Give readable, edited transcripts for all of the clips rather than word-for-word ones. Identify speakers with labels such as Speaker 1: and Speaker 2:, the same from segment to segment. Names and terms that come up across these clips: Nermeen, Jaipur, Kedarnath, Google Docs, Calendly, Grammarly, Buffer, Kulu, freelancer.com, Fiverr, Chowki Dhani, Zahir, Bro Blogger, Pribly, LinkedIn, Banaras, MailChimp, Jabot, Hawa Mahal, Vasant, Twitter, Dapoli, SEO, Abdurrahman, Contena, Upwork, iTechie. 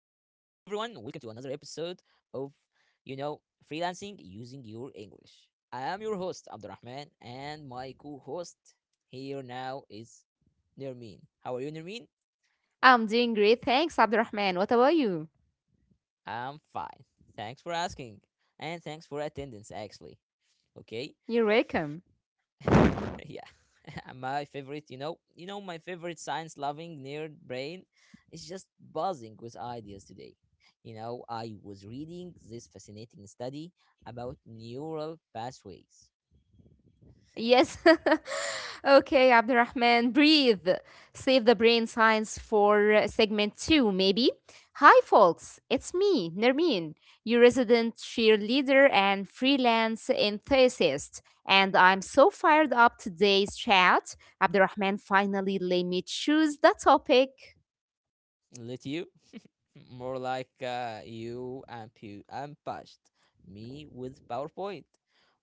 Speaker 1: another episode of, you know, freelancing using your English. I am your host, Abdurrahman, and my co host here now is Nermeen. How are you, Nermeen?
Speaker 2: I'm doing great. Thanks, Abdurrahman. What about you?
Speaker 1: I'm fine. Thanks for asking, and thanks for attendance, actually. Okay.
Speaker 2: You're welcome.
Speaker 1: Yeah. my favorite you know my favorite science loving nerd brain is just buzzing with ideas today. I was reading this fascinating study about neural pathways.
Speaker 2: Yes. Okay, Abdurrahman, breathe. Save the brain science for segment two, maybe. Hi, folks. It's me, Nermeen, your resident cheerleader and freelance enthusiast. And I'm so fired up today's chat. Abdurrahman finally let me choose the topic.
Speaker 1: Let you. More like you ambushed me with PowerPoint,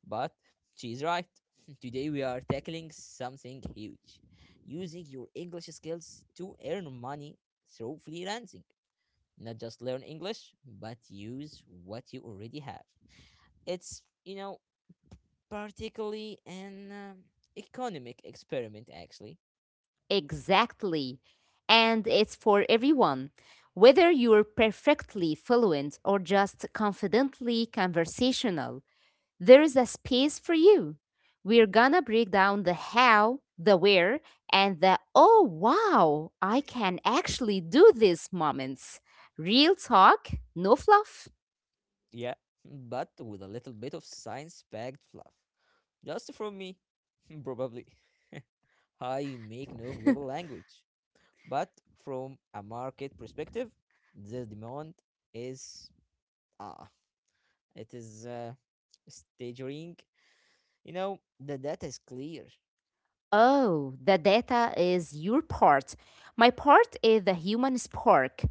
Speaker 1: but she's right. Today we are tackling something huge, using your English skills to earn money through freelancing. Not just learn English, but use what you already have. It's p- particularly an economic experiment, actually.
Speaker 2: Exactly. And it's for everyone. Whether you're perfectly fluent or just confidently conversational, there is a space for you. We're gonna break down the how, the where, and the oh wow, I can actually do this moments. Real talk, no fluff.
Speaker 1: Yeah, but with a little bit of science packed fluff. Just from me, probably. I make no global language. But from a market perspective, the demand is ah, it is staggering. You know, the data is clear.
Speaker 2: Oh, the data is your part. My part is the human spark.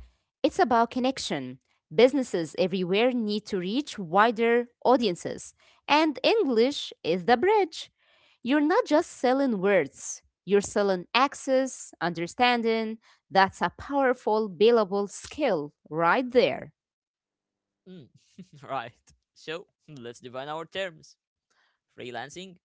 Speaker 2: It's about connection. Businesses everywhere need to reach wider audiences, and English is the bridge. You're not just selling words, you're selling access, understanding. That's a powerful, billable skill right there.
Speaker 1: Mm. Right. So let's define our terms. Freelancing,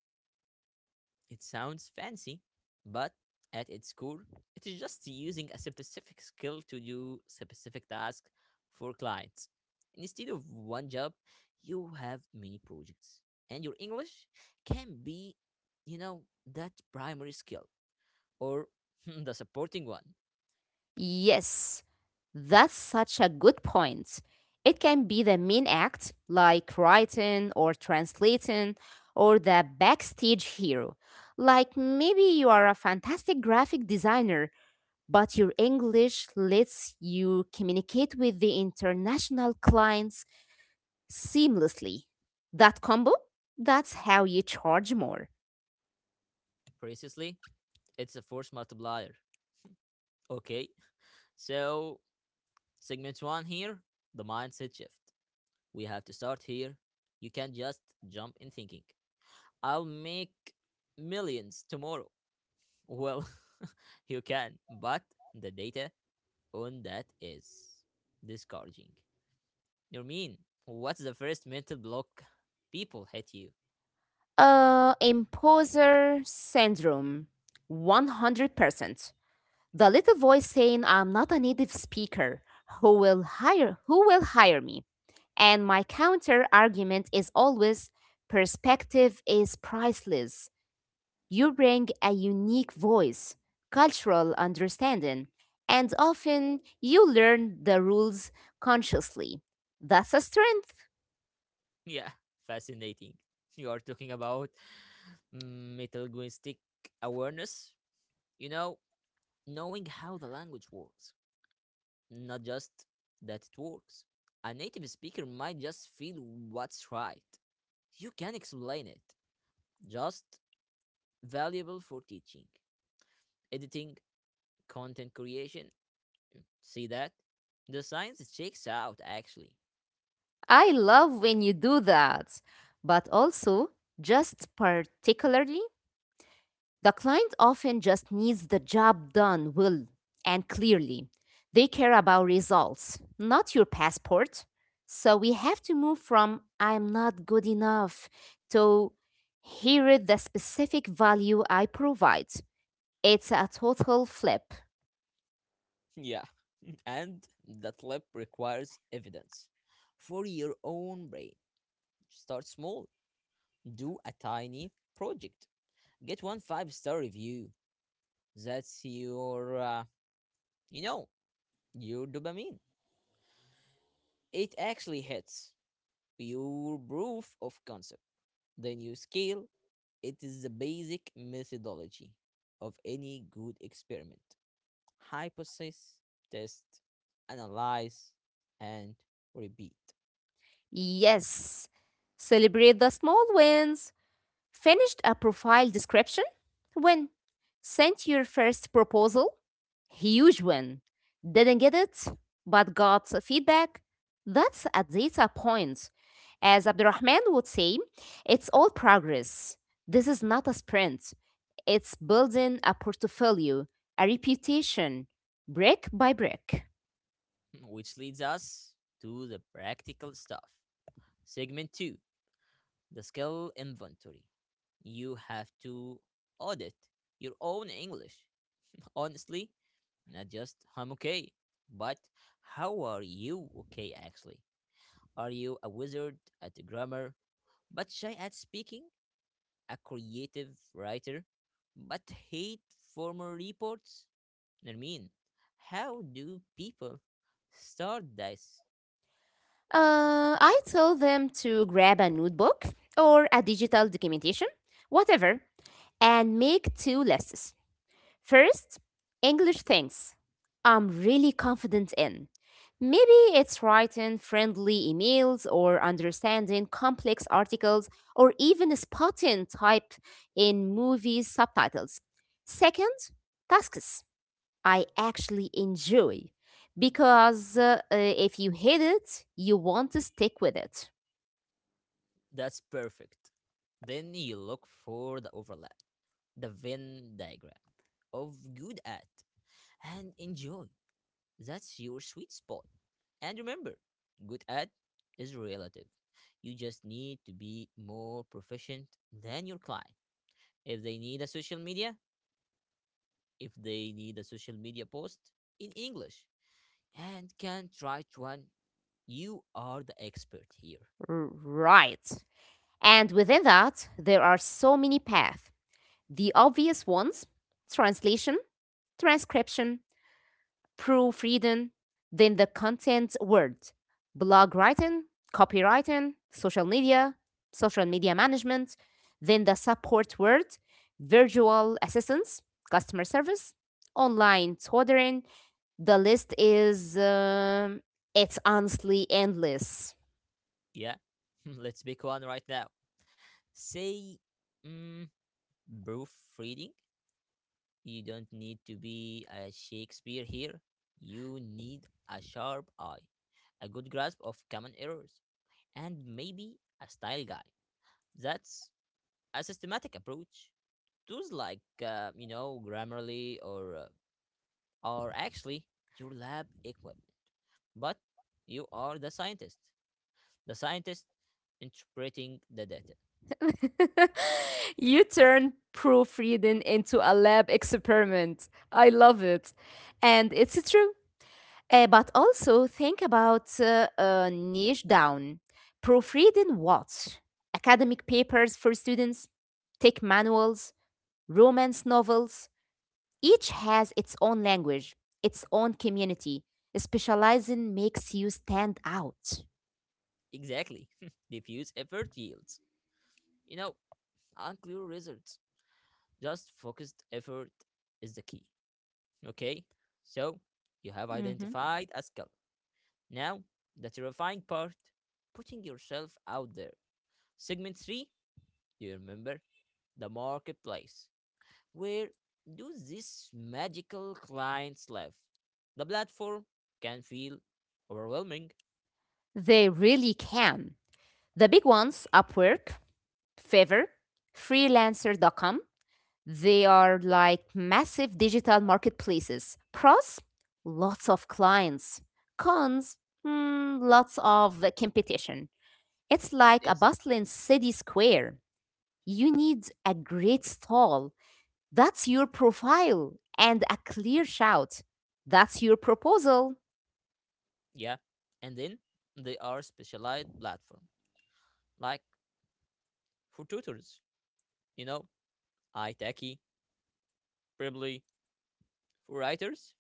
Speaker 1: it sounds fancy, but at its core, it is just using a specific skill to do specific tasks for clients. Instead of one job, you have many projects. And your English can be, you know, that primary skill or the supporting one.
Speaker 2: Yes, that's such a good point. It can be the main act, like writing or translating, or the backstage hero. Like maybe you are a fantastic graphic designer, but your English lets you communicate with the international clients seamlessly. That combo? That's how you charge more.
Speaker 1: Precisely, it's a force multiplier. Okay, so segment one here: the mindset shift. We have to start here. You can't just jump in thinking, I'll make millions tomorrow. Well, you can, but the data on that is discouraging. You mean, what's the first mental block people hit you?
Speaker 2: Imposter syndrome. 100%. The little voice saying I'm not a native speaker. Who will hire me? And my counter argument is always perspective is priceless. You bring a unique voice, cultural understanding, and often you learn the rules consciously. That's a strength.
Speaker 1: Yeah, fascinating. You are talking about metalinguistic awareness, you know, knowing how the language works, not just that it works. A native speaker might just feel what's right. You can explain it. Just valuable for teaching, editing, content creation. See that? The science checks out, actually.
Speaker 2: I love when you do that. But also, just particularly, the client often just needs the job done well and clearly. They care about results, not your passport. So we have to move from I'm not good enough to here is the specific value I provide. It's a total flip.
Speaker 1: Yeah, and that lab requires evidence. For your own brain, start small. Do a tiny project. Get one 5 star review. That's you know, your dopamine. It actually hits pure proof of concept. The new scale, it is the basic methodology of any good experiment. Hypothesis, test, analyze, and repeat.
Speaker 2: Yes. Celebrate the small wins. Finished a profile description? Win. Sent your first proposal? Huge win. Didn't get it, but got feedback? That's a data point. As Abdurrahman would say, it's all progress. This is not a sprint. It's building a portfolio, a reputation, brick by brick.
Speaker 1: Which leads us to the practical stuff. Segment 2: the skill inventory. You have to audit your own English. Honestly, not just I'm okay, but how are you okay, actually? Are you a wizard at grammar, but shy at speaking? A creative writer, but hate formal reports? I mean, how do people start this?
Speaker 2: I tell them to grab a notebook or a digital documentation, whatever, and make two lists. First, English things I'm really confident in. Maybe it's writing friendly emails or understanding complex articles or even spotting type in movie subtitles. Second, tasks I actually enjoy because if you hate it, you want to stick with it.
Speaker 1: That's perfect. Then you look for the overlap, the Venn diagram of good at, and enjoy. That's your sweet spot. And remember, good ad is relative. You just need to be more proficient than your client. If they need a social media, If they need a social media post in English and can write one, you are the expert here.
Speaker 2: Right. And within that, there are so many paths. The obvious ones: translation, transcription, proofreading, then the content word, blog writing, copywriting, social media management, then the support word, virtual assistance, customer service, online tutoring. The list is, it's honestly endless.
Speaker 1: Yeah, let's pick one right now. Say, mm, proofreading. You don't need to be a Shakespeare here. You need a sharp eye, a good grasp of common errors, and maybe a style guide. That's a systematic approach. Tools like, Grammarly or are actually your lab equipment, but you are the scientist. The scientist interpreting the data.
Speaker 2: You turned proofreading into a lab experiment. I love it. And it's true. But also think about niche down. Proofreading what? Academic papers for students, tech manuals, romance novels. Each has its own language, its own community. Specializing makes you stand out.
Speaker 1: Exactly. Diffuse effort yields, you know, unclear results. Just focused effort is the key. Okay, so you have
Speaker 2: Hmm.
Speaker 1: identified a skull. Now, the terrifying part: putting yourself out there. Segment three, do you remember? The marketplace. Where do these magical clients live? The platform can feel overwhelming.
Speaker 2: They really can. The big ones, Upwork, Fiverr, freelancer.com. They are like massive digital marketplaces. Pros, lots of clients. Cons, lots of competition. It's like a
Speaker 1: Is
Speaker 2: bustling city square. You need a great stall. That's your profile and a clear shout. That's your proposal.
Speaker 1: Yeah. And then they are specialized platform, like for tutors, you know, iTechie, Pribly, for writers,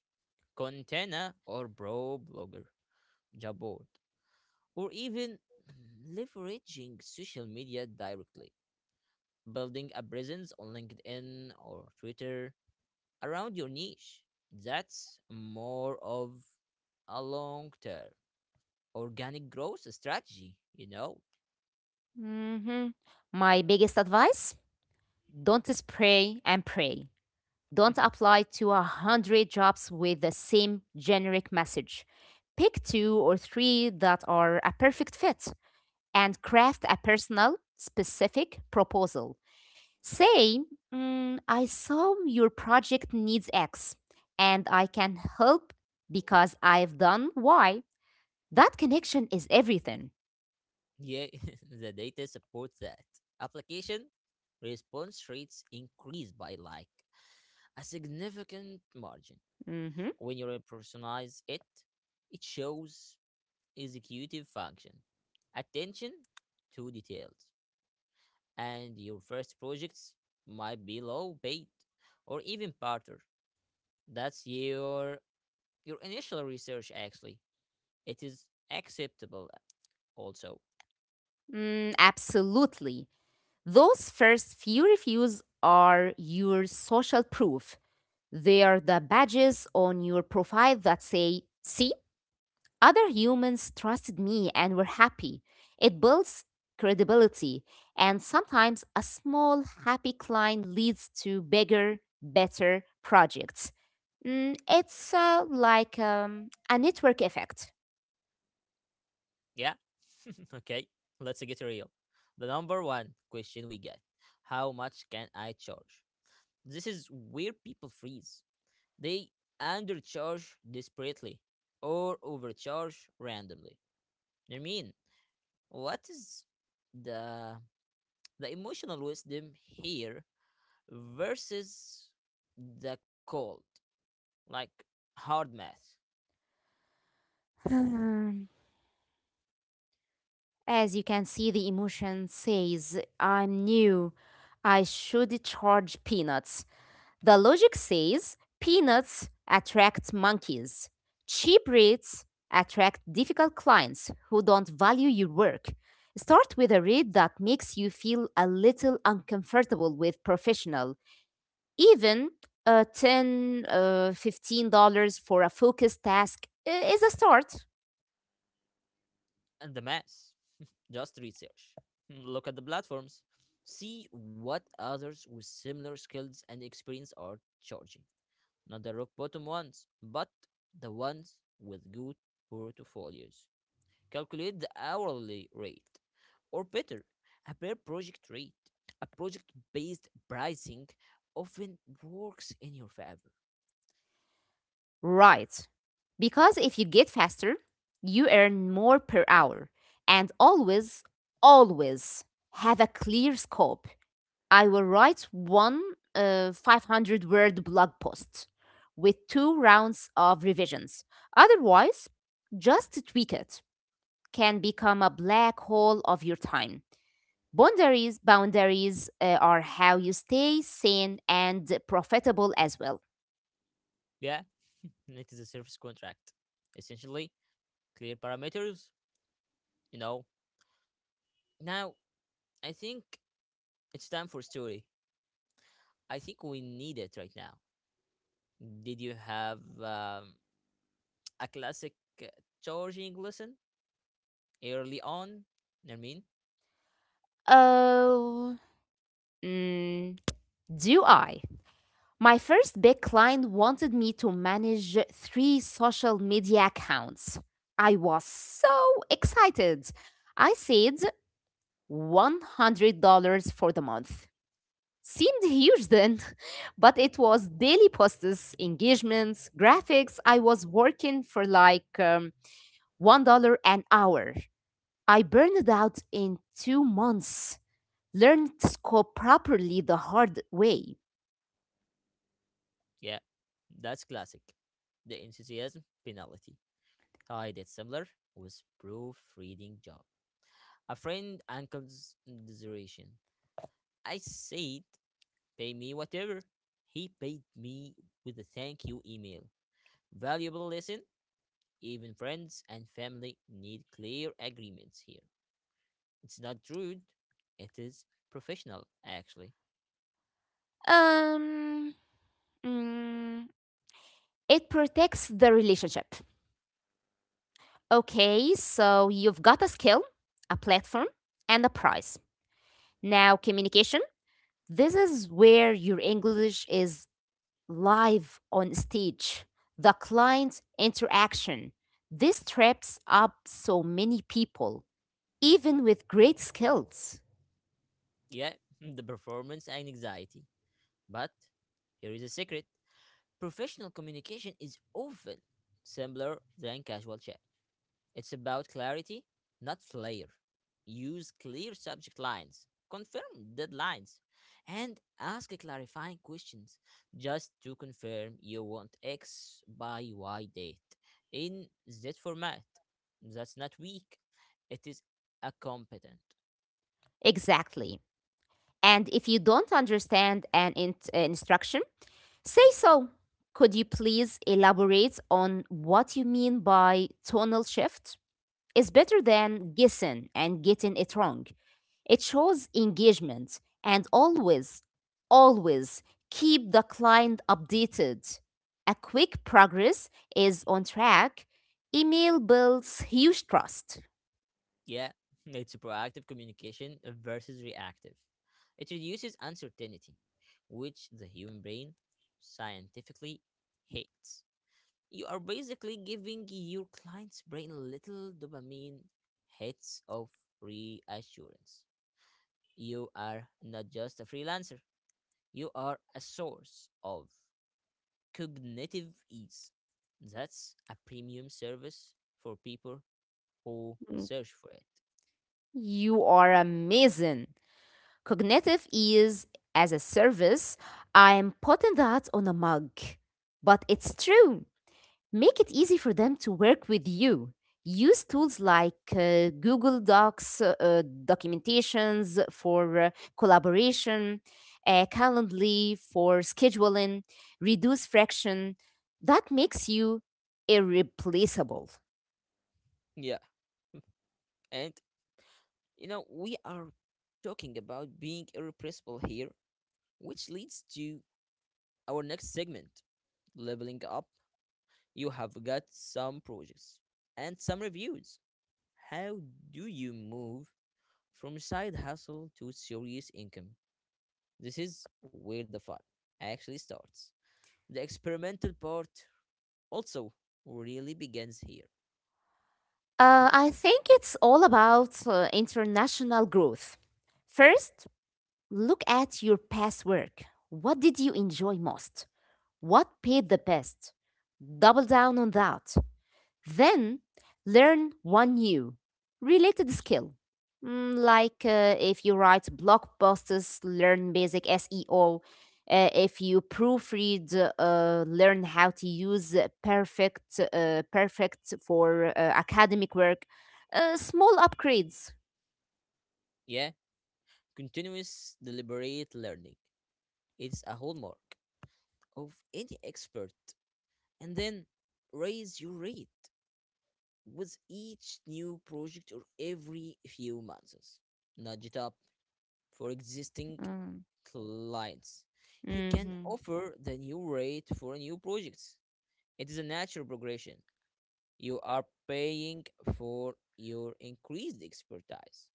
Speaker 1: Contena or Bro Blogger. Jabot, or even leveraging social media directly, building a presence on LinkedIn or Twitter around your niche. That's more of a long term organic growth strategy, you know?
Speaker 2: Mhm. My biggest advice: don't spray and pray. Don't apply to a hundred jobs with the same generic message. Pick two or three that are a perfect fit and craft a personal, specific proposal. Say, "Mm, I saw your project needs X and I can help because I've done Y." That connection is everything.
Speaker 1: Yeah, the data supports that. Application response rates increase by like a significant margin.
Speaker 2: Mhm.
Speaker 1: When you personalize it, it shows executive function, attention to details, and your first projects might be low paid or even barter. That's your initial research, actually. It is acceptable also.
Speaker 2: Mm, absolutely. Those first few reviews are your social proof. They are the badges on your profile that say, see, other humans trusted me and were happy. It builds credibility. And sometimes a small, happy client leads to bigger, better projects. Mm, it's like a network effect.
Speaker 1: Yeah? Okay, let's get real. The number one question we get: how much can I charge? This is where people freeze. They undercharge desperately or overcharge randomly. I mean, what is the the emotional wisdom here versus the cold, like, hard math?
Speaker 2: Hmm. As you can see, the emotion says, I'm new. I should charge peanuts. The logic says peanuts attract monkeys, cheap rates attract difficult clients who don't value your work. Start with a rate that makes you feel a little uncomfortable with professional, even uh, 10 uh, $15 for a focused task is a start.
Speaker 1: And the math, just research. Look at the platforms, see what others with similar skills and experience are charging, not the rock bottom ones but the ones with good portfolios. Calculate the hourly rate, or better, a per project rate. A project based pricing often works in your favor.
Speaker 2: Right. Because if you get faster, you earn more per hour. And always, always have a clear scope. I will write one 500 word blog post with two rounds of revisions. Otherwise, just tweak it can become a black hole of your time. Boundaries are how you stay sane and profitable as well.
Speaker 1: Yeah, it is a service contract. Essentially, clear parameters, you know. Now, I think it's time for story. I think we need it right now. Did you have a classic uh, charging lesson early on? I mean,
Speaker 2: Oh. mm, Do I? My first big client wanted me to manage three social media accounts. I was so excited. I said $100 for the month. Seemed huge then, but it was daily posts, engagements, graphics. I was working for like $1 an hour. I burned out in 2 months, learned scope properly the hard way.
Speaker 1: yeah, that's classic. The enthusiasm penalty. I did similar with proofreading job. A friend uncle's consideration. I said, pay me whatever. He paid me with a thank you email. Valuable lesson. Even friends and family need clear agreements here. It's not rude. It is professional, actually.
Speaker 2: Um, mm, it protects the relationship. Okay, so you've got a skill, a platform, and a prize. Now, communication. This is where your English is live on stage. The client interaction. This traps up so many people, even with great skills.
Speaker 1: Yeah, the performance and anxiety. But here is a secret. Professional communication is often simpler than casual chat. It's about clarity, not flair. Use clear subject lines, confirm deadlines, and ask clarifying questions, just to confirm you want X by Y date in Z format. That's not weak, it is a competent.
Speaker 2: Exactly. And if you don't understand an instruction, say so. Could you please elaborate on what you mean by tonal shift? It's better than guessing and getting it wrong. It shows engagement and always, always keep the client updated. A quick progress is on track. Email builds huge trust.
Speaker 1: Yeah, it's proactive communication versus reactive. It reduces uncertainty, which the human brain scientifically hates. You are basically giving your client's brain little dopamine hits of reassurance. You are not just a freelancer, you are a source of cognitive ease. That's a premium service for people who
Speaker 2: Mm,
Speaker 1: search for it.
Speaker 2: you are amazing. Cognitive is as a service. I'm putting that on a mug. But it's true. Make it easy for them to work with you. Use tools like Google Docs, documentations for collaboration, Calendly for scheduling, reduce friction. That makes you irreplaceable.
Speaker 1: Yeah. And we are talking about being irrepressible here, which leads to our next segment: leveling up. You have got some projects and some reviews. How do you move from side hustle to serious income? This is where the fun actually starts. The experimental part also really begins here.
Speaker 2: I think it's all about international growth. First, look at your past work. What did you enjoy most? What paid the best? Double down on that. Then learn one new related skill. Like if you write blog posts, learn basic SEO. If you proofread, learn how to use perfect for academic work. Small upgrades.
Speaker 1: Yeah, continuous deliberate learning. It's a hallmark of any expert. And then raise your rate with each new project or every few months. Nudge it up for existing
Speaker 2: Mm.
Speaker 1: clients. You can
Speaker 2: Mm-hmm.
Speaker 1: offer the new rate for new projects. It is a natural progression. You are paying for your increased expertise,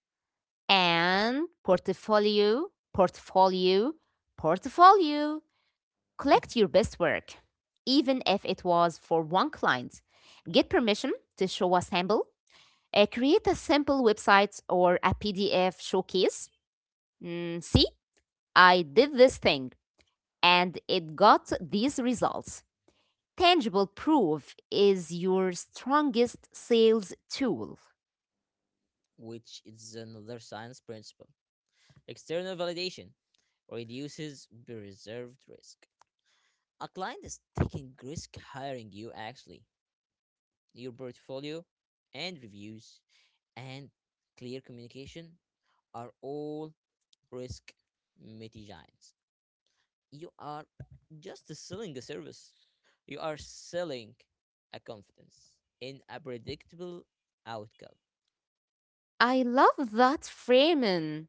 Speaker 2: And portfolio, portfolio, portfolio. Collect your best work, even if it was for one client. Get permission to show a sample. Create a simple website or a PDF showcase. Mm, see, I did this thing and it got these results. Tangible proof is your strongest sales tool.
Speaker 1: which is another science principle. External validation reduces reserved risk. A client is taking risk hiring you, actually. Your portfolio and reviews and clear communication are all risk mitigants. You are just selling a service. You are selling a confidence in a predictable outcome.
Speaker 2: I love that framing.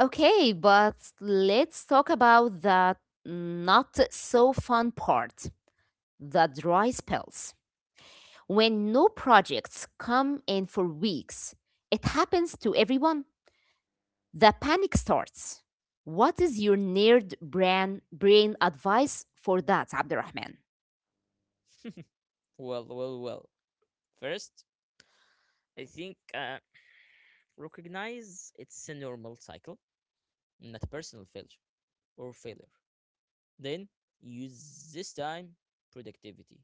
Speaker 2: Okay, but let's talk about the not so fun part, the dry spells. When no projects come in for weeks, it happens to everyone. The panic starts. What is your brain advice for that, Abdurrahman?
Speaker 1: Well, well, well. First, I think recognize it's a normal cycle, not a personal failure or failure. Then use this time productivity.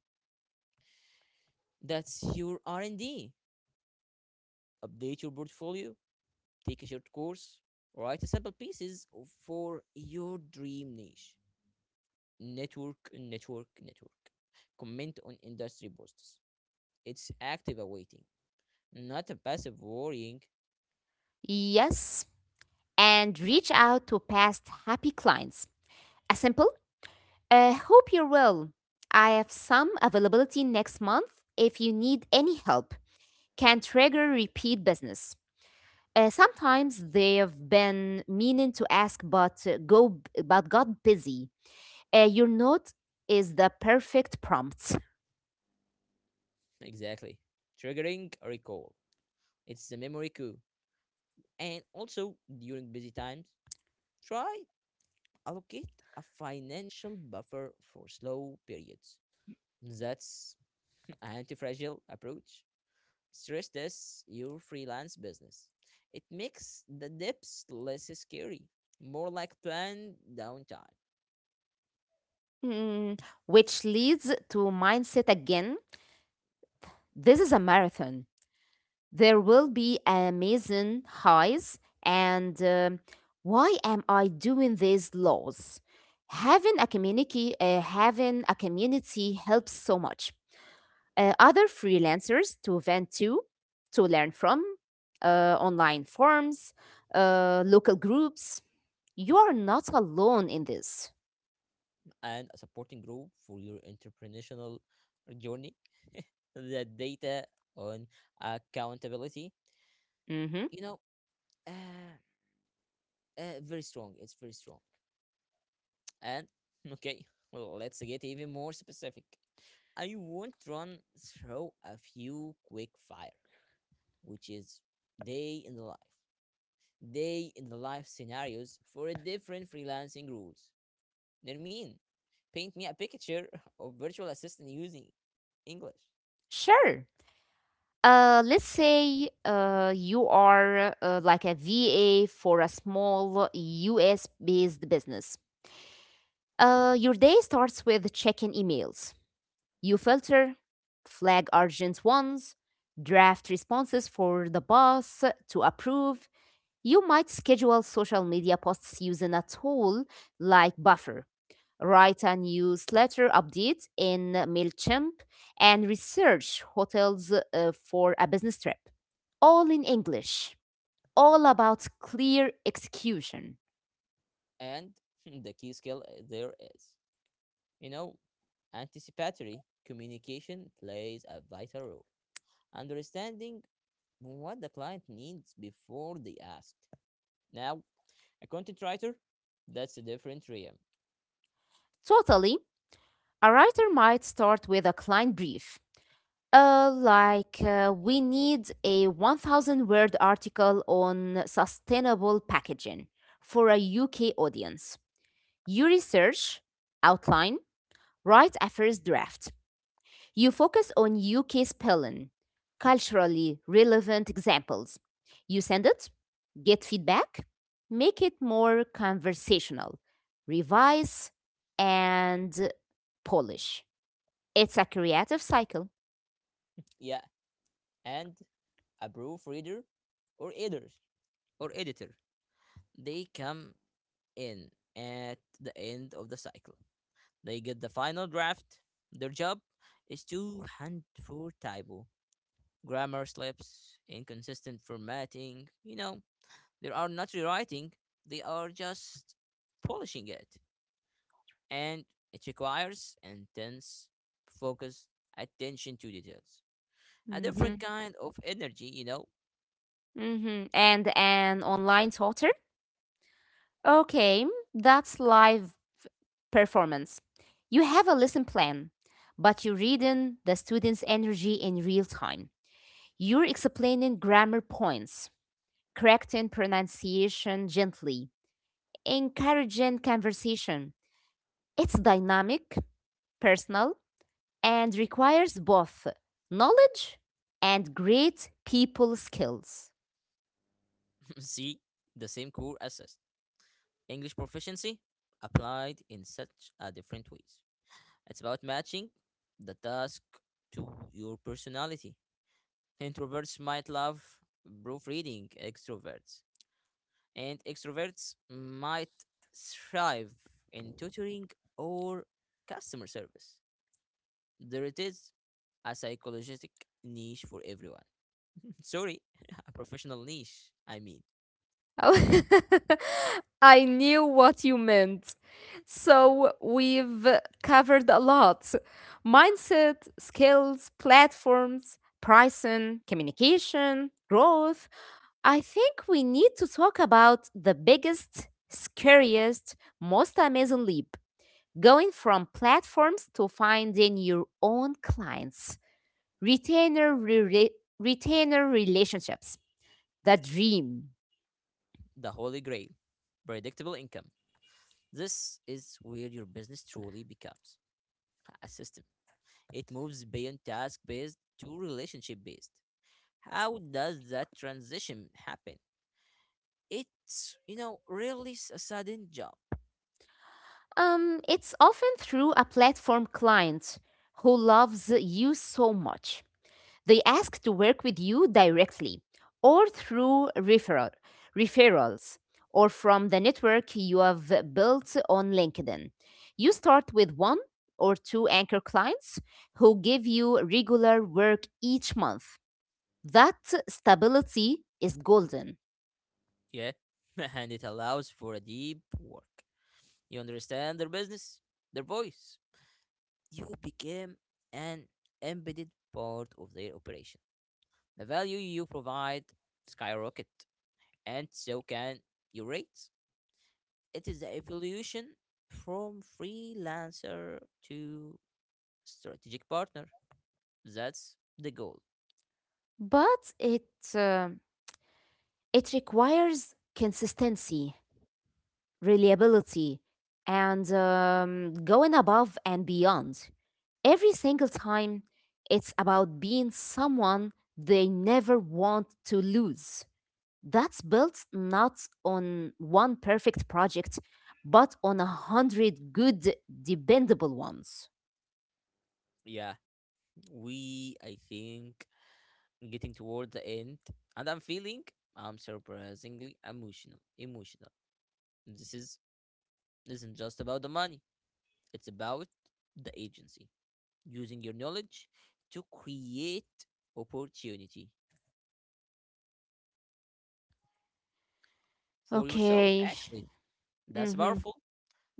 Speaker 1: That's your R&D. Update your portfolio, take a short course, write a sample pieces for your dream niche. Network, network, network. Comment on industry posts. It's active awaiting, not a passive worrying.
Speaker 2: Yes, and reach out to past happy clients. A simple, hope you're well. I have some availability next month if you need any help. Can trigger repeat business. Sometimes they've been meaning to ask, but go but got busy. Your note is the perfect prompt.
Speaker 1: Exactly. Triggering a recall. It's the memory coup. And also, during busy times, try allocate a financial buffer for slow periods. That's an anti-fragile approach. Stress test your freelance business. It makes the dips less scary, more like planned downtime.
Speaker 2: Mm, which leads to mindset again. This is a marathon. There will be amazing highs and why am I doing these laws? Having a community helps so much. Other freelancers to vent to learn from, online forums, local groups. You are not alone in this.
Speaker 1: And a supporting group for your entrepreneurial journey. The data on accountability,
Speaker 2: Mm-hmm.
Speaker 1: you know, uh, very strong. It's very strong. And okay, well, let's get even more specific. I want to run through a few quick fire, which is day in the life, day in the life scenarios for a different freelancing rules. Nermin, paint me a picture of virtual assistant using English.
Speaker 2: Sure. Let's say you are like a VA for a small US based business. Your day starts with checking emails. You filter, flag urgent ones, draft responses for the boss to approve. You might schedule social media posts using a tool like Buffer, write a newsletter update in MailChimp, and research hotels for a business trip. All in English, all about clear execution.
Speaker 1: And the key skill there is, you know, anticipatory communication plays a vital role. Understanding what the client needs before they ask. Now, a content writer, that's a different realm.
Speaker 2: Totally, a writer might start with a client brief. We need a 1,000 word article on sustainable packaging for a UK audience. You research, outline, write a first draft. You focus on UK spelling, culturally relevant examples. You send it, get feedback, make it more conversational, revise, and polish. It's a creative cycle.
Speaker 1: Yeah, and a proofreader or editors or editor, they come in at the end of the cycle. They get the final draft. Their job is to hunt for typo, grammar slips, inconsistent formatting. You know, they are not rewriting, they are just polishing it. And it requires intense, focused attention to details. A
Speaker 2: Hmm.
Speaker 1: different kind of energy, you know.
Speaker 2: Hmm. And an online tutor? Okay, that's live performance. You have a lesson plan, but you're reading the student's energy in real time. You're explaining grammar points, correcting pronunciation gently, encouraging conversation. It's dynamic, personal, and requires both knowledge and great people skills.
Speaker 1: See, the same core assist. English proficiency applied in such a different ways. It's about matching the task to your personality. Introverts might love proofreading, extroverts might thrive in tutoring or customer service. There it is, a psychological niche for everyone. Sorry, a professional niche, I mean.
Speaker 2: Oh, I knew what you meant. So we've covered a lot: mindset, skills, platforms, pricing, communication, growth. I think we need to talk about the biggest, scariest, most amazing leap: going from platforms to finding your own clients, retainer, re- retainer relationships, the dream.
Speaker 1: The Holy Grail: predictable income. This is where your business truly becomes a system. It moves beyond task based to relationship based. How does that transition happen? It's really a sudden jump.
Speaker 2: It's often through a platform client who loves you so much they ask to work with you directly or through referrals or from the network you have built on LinkedIn. You start with one or two anchor clients who give you regular work each month. That stability is golden,
Speaker 1: Yeah. And it allows for a deep work. You understand their business, their voice. You became an embedded part of their operation. The value you provide skyrocket, and so can your rates. It is the evolution from freelancer to strategic partner. That's the goal.
Speaker 2: but uh, it requires consistency, reliability, and going above and beyond. Every single time, it's about being someone they never want to lose, that's built not on one perfect project, but on a hundred good, dependable ones.
Speaker 1: Yeah, we I think getting toward the end, and I'm surprisingly emotional. This is isn't just about the money. It's about the agency, using your knowledge to create opportunity for yourself,
Speaker 2: Okay.
Speaker 1: actually. That's
Speaker 2: Mm-hmm.
Speaker 1: powerful.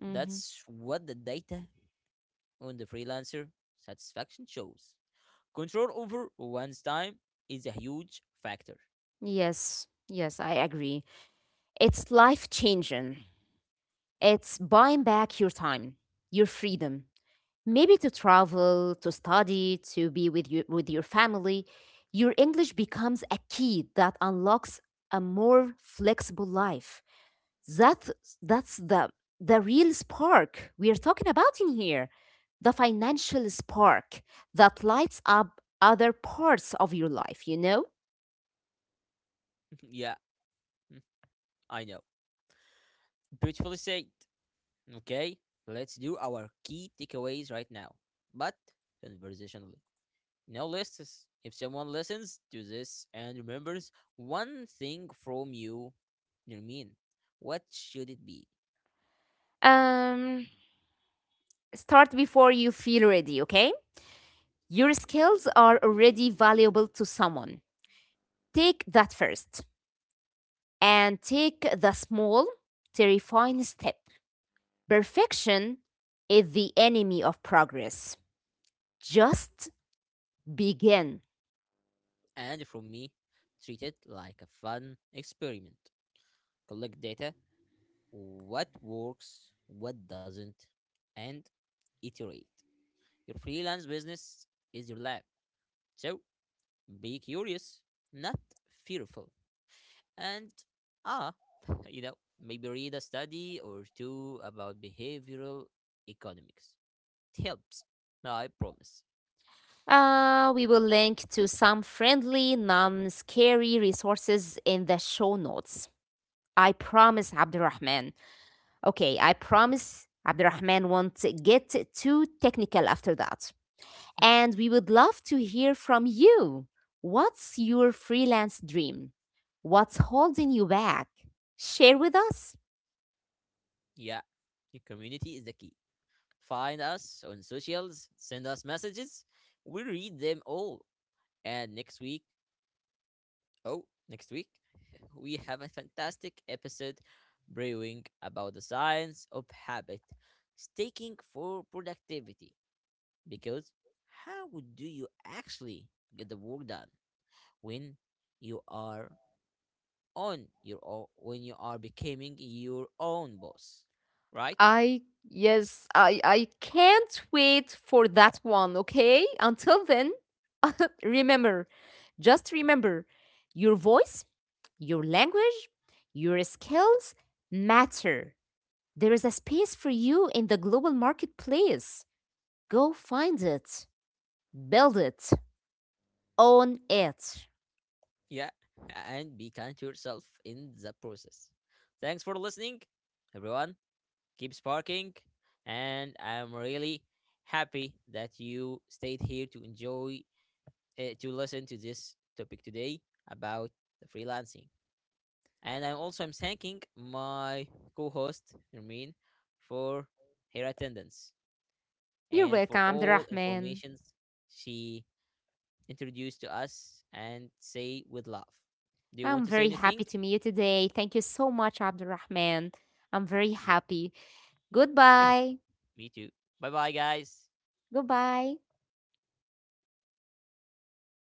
Speaker 2: Mm-hmm.
Speaker 1: That's what the data on the freelancer satisfaction shows: control over one's time is a huge factor.
Speaker 2: Yes. Yes, I agree. It's life changing. It's buying back your time, your freedom, maybe to travel, to study, to be with you, with your family. Your English becomes a key that unlocks a more flexible life. That that's the real spark we are talking about in here. The financial spark that lights up other parts of your life, you know?
Speaker 1: Yeah. I know, beautifully said. Okay, let's do our key takeaways right now, but conversationally. No lists. If someone listens to this and remembers one thing from you, you mean, what should it be?
Speaker 2: Um Start before you feel ready, okay? Your skills are already valuable to someone. Take that first and take the small, terrifying step. Perfection is the enemy of progress. Just begin.
Speaker 1: And from me, treat it like a fun experiment. Collect data, what works, what doesn't, and iterate. Your freelance business is your lab, so be curious, not fearful. And ah, you know, maybe read a study or two about behavioral economics. It helps. No, I promise.
Speaker 2: We will link to some friendly, non scary resources in the show notes. I promise, Abdurrahman. Okay, I promise Abdurrahman won't get too technical after that. And we would love to hear from you. What's your freelance dream? What's holding you back? Share with us.
Speaker 1: Yeah, your community is the key. Find us on socials, send us messages. We read them all. And next week, oh, next week, we have a fantastic episode brewing about the science of habit, staking for productivity. Because how do you actually get the work done when you are on your own, when you are becoming your own boss, right?
Speaker 2: I Yes, I can't wait for that one, okay? Until then, remember, just remember, your voice, your language, your skills matter. There is a space for you in the global marketplace. Go find it, build it, own it.
Speaker 1: Yeah, and be kind to yourself in the process. Thanks for listening, everyone. Keep sparking. And I'm really happy that you stayed here to enjoy to listen to this topic today about the freelancing. And I'm also I'm thanking my co-host Nermeen for her attendance
Speaker 2: You're
Speaker 1: and for
Speaker 2: welcome,
Speaker 1: all
Speaker 2: Abdurrahman.
Speaker 1: informations she introduced to us and say with love. Do you want
Speaker 2: I'm
Speaker 1: to say
Speaker 2: very
Speaker 1: anything?
Speaker 2: happy to meet you today. Thank you so much, Abdurrahman. I'm very
Speaker 1: Yeah,
Speaker 2: happy. Goodbye.
Speaker 1: me too. Bye bye guys.
Speaker 2: Goodbye.